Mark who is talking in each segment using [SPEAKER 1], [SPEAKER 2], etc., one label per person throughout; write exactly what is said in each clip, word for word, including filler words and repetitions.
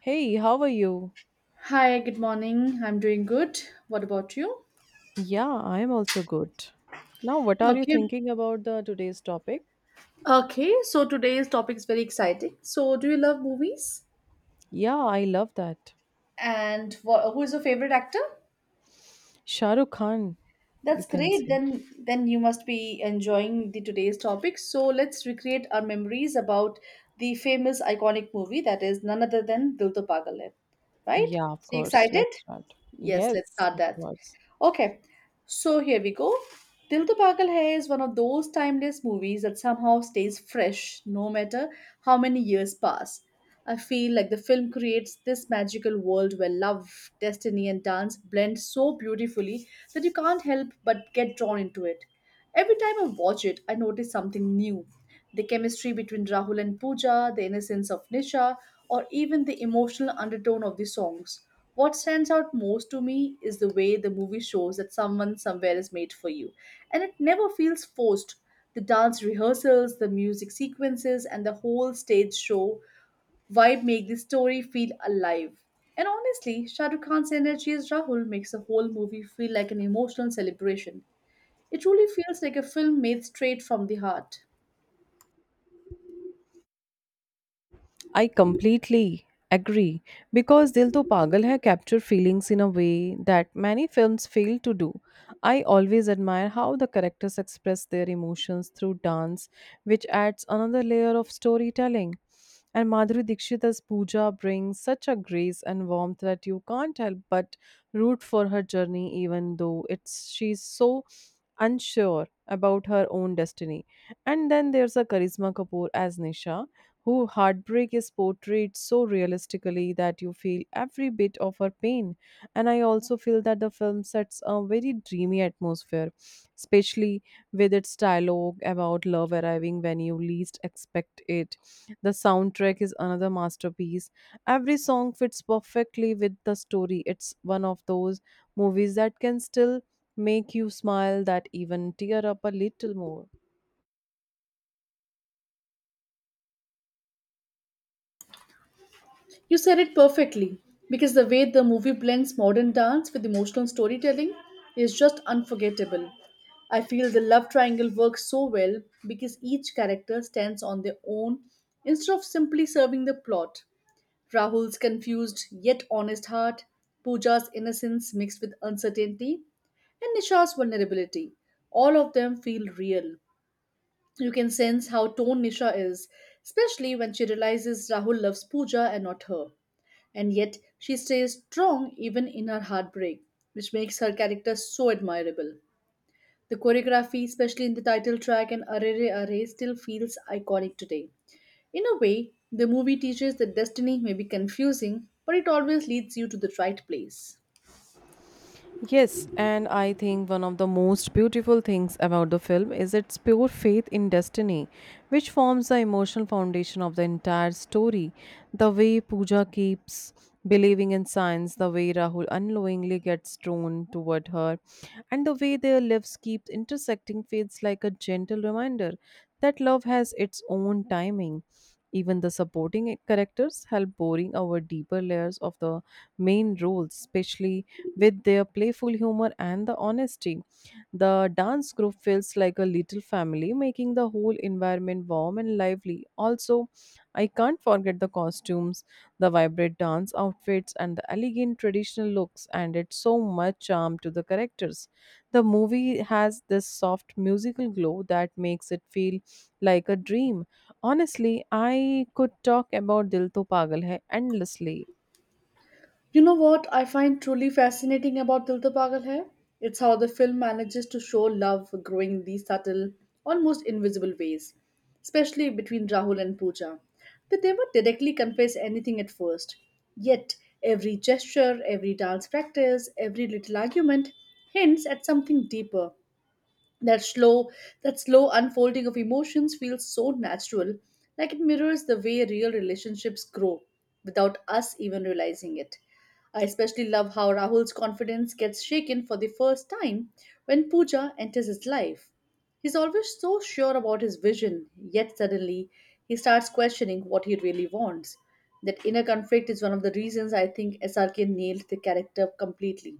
[SPEAKER 1] Hey, how are you?
[SPEAKER 2] Hi, good morning. I'm doing good. What about you?
[SPEAKER 1] Yeah, I'm also good. Now, what are you
[SPEAKER 2] Okay.
[SPEAKER 1] thinking about the today's topic?
[SPEAKER 2] Okay, so today's topic is very exciting. So, do you love movies?
[SPEAKER 1] Yeah, I love that.
[SPEAKER 2] And wha who is your favorite actor?
[SPEAKER 1] Shah Rukh Khan, you
[SPEAKER 2] That's
[SPEAKER 1] can
[SPEAKER 2] great.
[SPEAKER 1] say.
[SPEAKER 2] Then then you must be enjoying the today's topic. So, let's recreate our memories about the famous iconic movie that is none other than Dil To Pagal Hai, right?
[SPEAKER 1] Yeah, of
[SPEAKER 2] So, you
[SPEAKER 1] course.
[SPEAKER 2] excited?
[SPEAKER 1] Let's start.
[SPEAKER 2] Yes, let's
[SPEAKER 1] Yes,
[SPEAKER 2] start
[SPEAKER 1] of
[SPEAKER 2] that.
[SPEAKER 1] course.
[SPEAKER 2] Okay. So here we go. Dil To Pagal Hai is one of those timeless movies that somehow stays fresh no matter how many years pass. I feel like the film creates this magical world where love, destiny, and dance blend so beautifully that you can't help but get drawn into it. Every time I watch it, I notice something new. The chemistry between Rahul and Pooja, the innocence of Nisha, or even the emotional undertone of the songs. What stands out most to me is the way the movie shows that someone somewhere is made for you, and it never feels forced. The dance rehearsals, the music sequences, and the whole stage show vibe make the story feel alive. And honestly, Shah Rukh Khan's energy as Rahul makes the whole movie feel like an emotional celebration. It truly feels like a film made straight from the heart.
[SPEAKER 1] I completely agree because Dil To Pagal Hai capture feelings in a way that many films fail to do. I always admire how the characters express their emotions through dance, which adds another layer of storytelling. And Madhuri Dixit as Pooja brings such a grace and warmth that you can't help but root for her journey, even though it's she's so unsure about her own destiny. And then there's a Karisma Kapoor as Nisha, who heartbreak is portrayed so realistically that you feel every bit of her pain. And I also feel that the film sets a very dreamy atmosphere, especially with its dialogue about love arriving when you least expect it. The soundtrack is another masterpiece. Every song fits perfectly with the story. It's one of those movies that can still make you smile that even tear up a little more.
[SPEAKER 2] You said it perfectly, because the way the movie blends modern dance with emotional storytelling is just unforgettable. I feel the love triangle works so well because each character stands on their own instead of simply serving the plot. Rahul's confused yet honest heart, Pooja's innocence mixed with uncertainty, and Nisha's vulnerability. All of them feel real. You can sense how torn Nisha is, especially when she realizes Rahul loves Pooja and not her. And yet, she stays strong even in her heartbreak, which makes her character so admirable. The choreography, especially in the title track and Arre Re Arre, still feels iconic today. In a way, the movie teaches that destiny may be confusing, but it always leads you to the right place.
[SPEAKER 1] Yes, and I think one of the most beautiful things about the film is its pure faith in destiny, which forms the emotional foundation of the entire story. The way Pooja keeps believing in science, the way Rahul unknowingly gets drawn toward her, and the way their lives keep intersecting feels like a gentle reminder that love has its own timing. Even the supporting characters help boring our deeper layers of the main roles, especially with their playful humor and the honesty, the dance group feels like a little family, making the whole environment warm and lively. Also, I can't forget the costumes, the vibrant dance outfits, and the elegant traditional looks added so much charm to the characters. The movie has this soft musical glow that makes it feel like a dream. Honestly, I could talk about Dil To Pagal Hai endlessly.
[SPEAKER 2] You know what I find truly fascinating about Dil To Pagal Hai? It's how the film manages to show love growing in these subtle, almost invisible ways, especially between Rahul and Pooja. They never directly confess anything at first, yet every gesture, every dance practice, every little argument hints at something deeper. That slow that slow unfolding of emotions feels so natural, like it mirrors the way real relationships grow without us even realizing it. I especially love how Rahul's confidence gets shaken for the first time when Pooja enters his life. He's always so sure about his vision, yet suddenly he starts questioning what he really wants. That inner conflict is one of the reasons I think S R K nailed the character completely.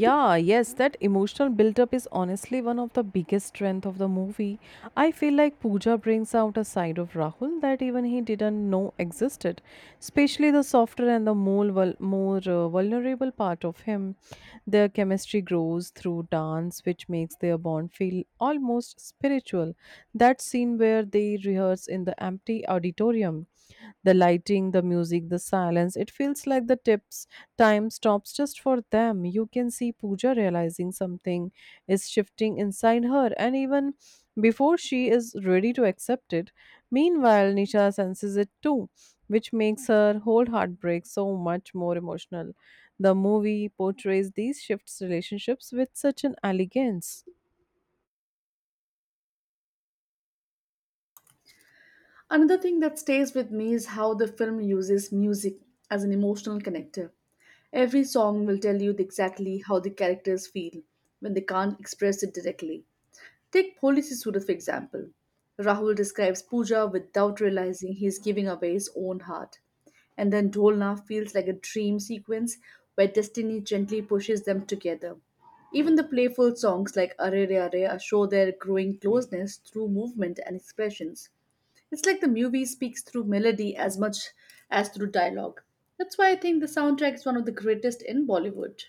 [SPEAKER 1] Yeah, yes, that emotional buildup is honestly one of the biggest strength of the movie. I feel like Pooja brings out a side of Rahul that even he didn't know existed, especially the softer and the more vul- more uh, vulnerable part of him. Their chemistry grows through dance, which makes their bond feel almost spiritual. That scene where they rehearse in the empty auditorium, the lighting, the music, the silence, it feels like the tips time stops just for them. You can see Pooja realizing something is shifting inside her and even before she is ready to accept it. Meanwhile, Nisha senses it too, which makes her whole heartbreak so much more emotional. The movie portrays these shifts relationships with such an elegance.
[SPEAKER 2] Another thing that stays with me is how the film uses music as an emotional connector. Every song will tell you exactly how the characters feel when they can't express it directly. Take Polisi Surat for example. Rahul describes Pooja without realizing he is giving away his own heart. And then Dholna feels like a dream sequence where destiny gently pushes them together. Even the playful songs like Are Re Are show their growing closeness through movement and expressions. It's like the movie speaks through melody as much as through dialogue. That's why I think the soundtrack is one of the greatest in Bollywood.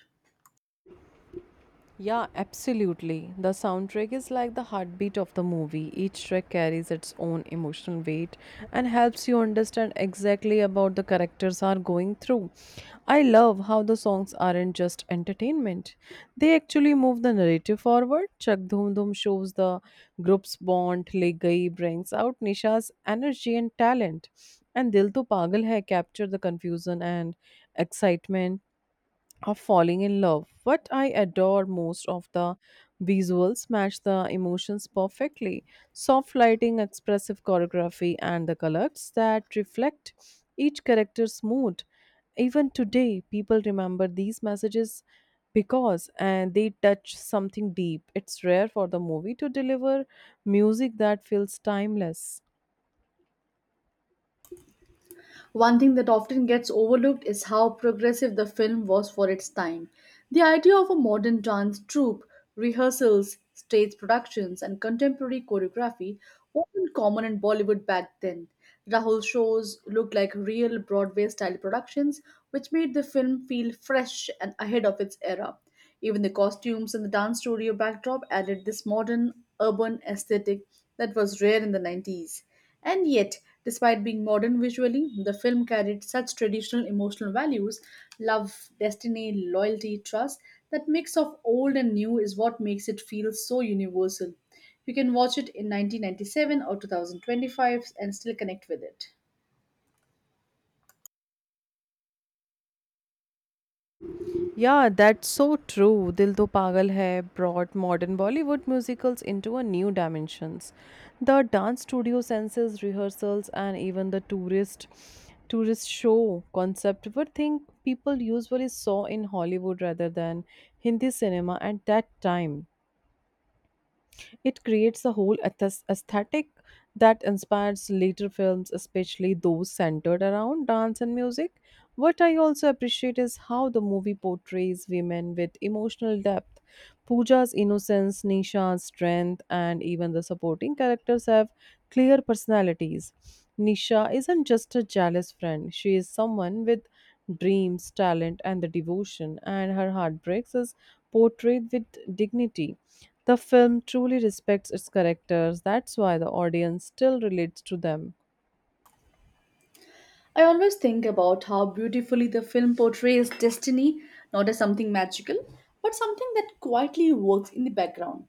[SPEAKER 1] Yeah, absolutely. The soundtrack is like the heartbeat of the movie. Each track carries its own emotional weight and helps you understand exactly about the characters are going through. I love how the songs aren't just entertainment. They actually move the narrative forward. Chak Dhum Dhum shows the group's bond, Le Gayi brings out Nisha's energy and talent, and Dil To Pagal Hai capture the confusion and excitement of falling in love. What I adore most of the visuals match the emotions perfectly. Soft lighting, expressive choreography, and the colors that reflect each character's mood. Even today, people remember these messages because and they touch something deep. It's rare for the movie to deliver music that feels timeless.
[SPEAKER 2] One thing that often gets overlooked is how progressive the film was for its time. The idea of a modern dance troupe, rehearsals, stage productions, and contemporary choreography wasn't common in Bollywood back then. Rahul shows looked like real Broadway style productions, which made the film feel fresh and ahead of its era. Even the costumes and the dance studio backdrop added this modern urban aesthetic that was rare in the nineties. And yet, despite being modern visually, the film carried such traditional emotional values, love, destiny, loyalty, trust, that mix of old and new is what makes it feel so universal. You can watch it in nineteen ninety-seven or twenty twenty-five and still connect with it.
[SPEAKER 1] Yeah, that's so true. Dil To Pagal Hai brought modern Bollywood musicals into a new dimensions. The dance studio senses, rehearsals, and even the tourist tourist show concept were things people usually saw in Hollywood rather than Hindi cinema at that time. It creates a whole athos- aesthetic that inspires later films, especially those centered around dance and music. What I also appreciate is how the movie portrays women with emotional depth, Pooja's innocence, Nisha's strength, and even the supporting characters have clear personalities. Nisha isn't just a jealous friend, she is someone with dreams, talent, and the devotion, and her heartbreaks is portrayed with dignity. The film truly respects its characters, that's why the audience still relates to them.
[SPEAKER 2] I always think about how beautifully the film portrays destiny, not as something magical, but something that quietly works in the background.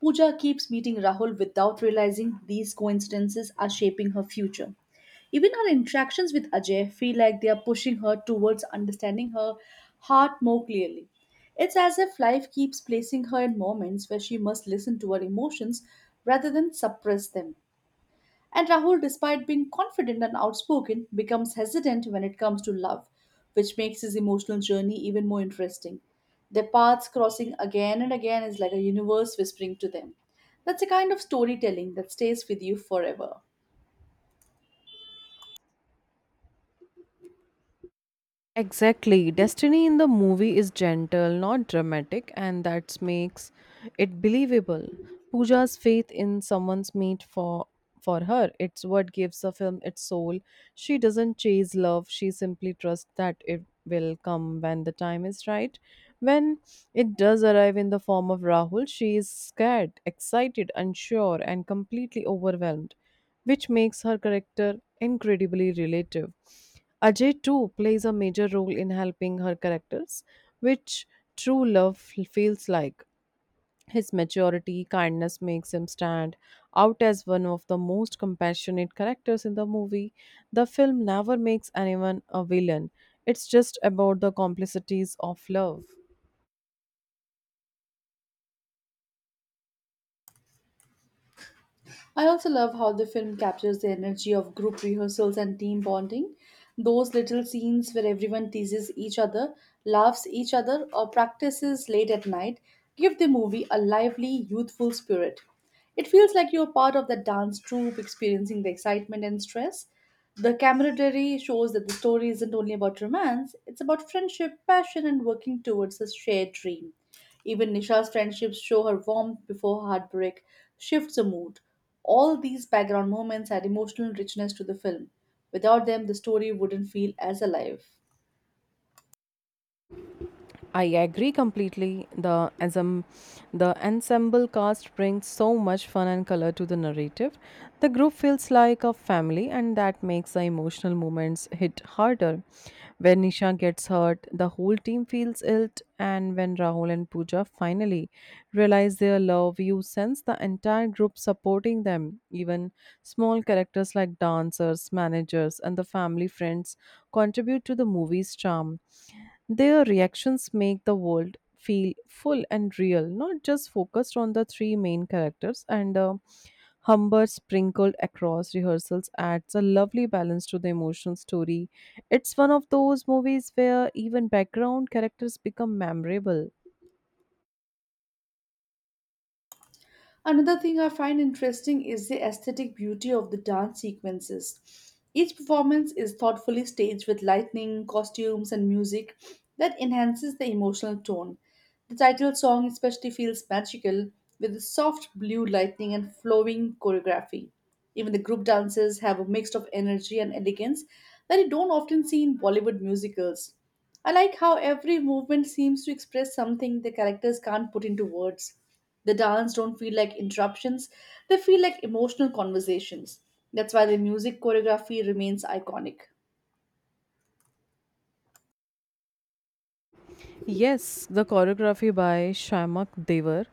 [SPEAKER 2] Pooja keeps meeting Rahul without realizing these coincidences are shaping her future. Even her interactions with Ajay feel like they are pushing her towards understanding her heart more clearly. It's as if life keeps placing her in moments where she must listen to her emotions rather than suppress them. And Rahul, despite being confident and outspoken, becomes hesitant when it comes to love, which makes his emotional journey even more interesting. Their paths crossing again and again is like a universe whispering to them. That's a kind of storytelling that stays with you forever.
[SPEAKER 1] Exactly. Destiny in the movie is gentle, not dramatic, and that makes it believable. Pooja's faith in someone's mate for for her, it's what gives the film its soul. She doesn't chase love, she simply trusts that it will come when the time is right. When it does arrive in the form of Rahul, she is scared, excited, unsure, and completely overwhelmed, which makes her character incredibly relative. Ajay too plays a major role in helping her characters, which true love feels like. His maturity, kindness makes him stand out as one of the most compassionate characters in the movie. The film never makes anyone a villain. It's just about the complexities of love.
[SPEAKER 2] I also love how the film captures the energy of group rehearsals and team bonding. Those little scenes where everyone teases each other, laughs each other, or practices late at night give the movie a lively, youthful spirit. It feels like you're part of the dance troupe experiencing the excitement and stress. The camaraderie shows that the story isn't only about romance, it's about friendship, passion, and working towards a shared dream. Even Nisha's friendships show her warmth before heartbreak shifts the mood. All these background moments add emotional richness to the film. Without them, the story wouldn't feel as alive.
[SPEAKER 1] I agree completely. The ensem- the ensemble cast brings so much fun and color to the narrative. The group feels like a family, and that makes the emotional moments hit harder. When Nisha gets hurt, the whole team feels ill, and when Rahul and Pooja finally realize their love, you sense the entire group supporting them. Even small characters like dancers, managers, and the family friends contribute to the movie's charm. Their reactions make the world feel full and real, not just focused on the three main characters. And uh, humor sprinkled across rehearsals adds a lovely balance to the emotional story. It's one of those movies where even background characters become memorable.
[SPEAKER 2] Another thing I find interesting is the aesthetic beauty of the dance sequences. Each performance is thoughtfully staged with lighting, costumes, and music that enhances the emotional tone. The title song especially feels magical with the soft blue lighting and flowing choreography. Even the group dances have a mix of energy and elegance that you don't often see in Bollywood musicals. I like how every movement seems to express something the characters can't put into words. The dance don't feel like interruptions, they feel like emotional conversations. That's why the music choreography remains iconic.
[SPEAKER 1] Yes, the choreography by Shamak Devar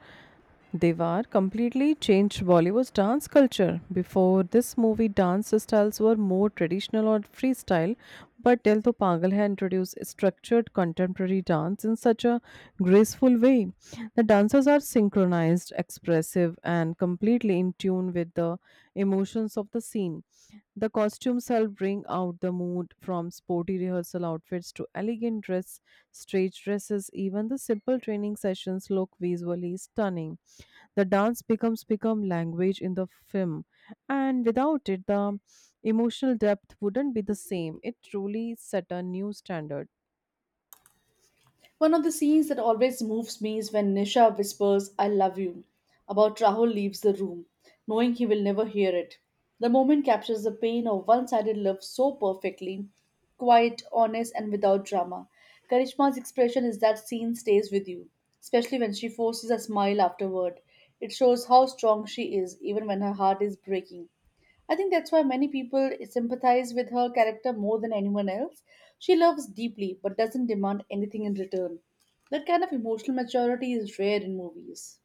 [SPEAKER 1] Devar completely changed Bollywood's dance culture. Before this movie, dance styles were more traditional or freestyle, but Dil To Pagal Hai introduced structured contemporary dance in such a graceful way. The dancers are synchronized, expressive, and completely in tune with the emotions of the scene. The costumes help bring out the mood from sporty rehearsal outfits to elegant dress, stage dresses, even the simple training sessions look visually stunning. The dance becomes become language in the film, and without it, the emotional depth wouldn't be the same. It truly set a new standard.
[SPEAKER 2] One of the scenes that always moves me is when Nisha whispers, I love you, about Rahul leaves the room, knowing he will never hear it. The moment captures the pain of one sided love so perfectly, quiet, honest, and without drama. Karishma's expression is that scene stays with you, especially when she forces a smile afterward. It shows how strong she is, even when her heart is breaking. I think that's why many people sympathize with her character more than anyone else. She loves deeply but doesn't demand anything in return. That kind of emotional maturity is rare in movies.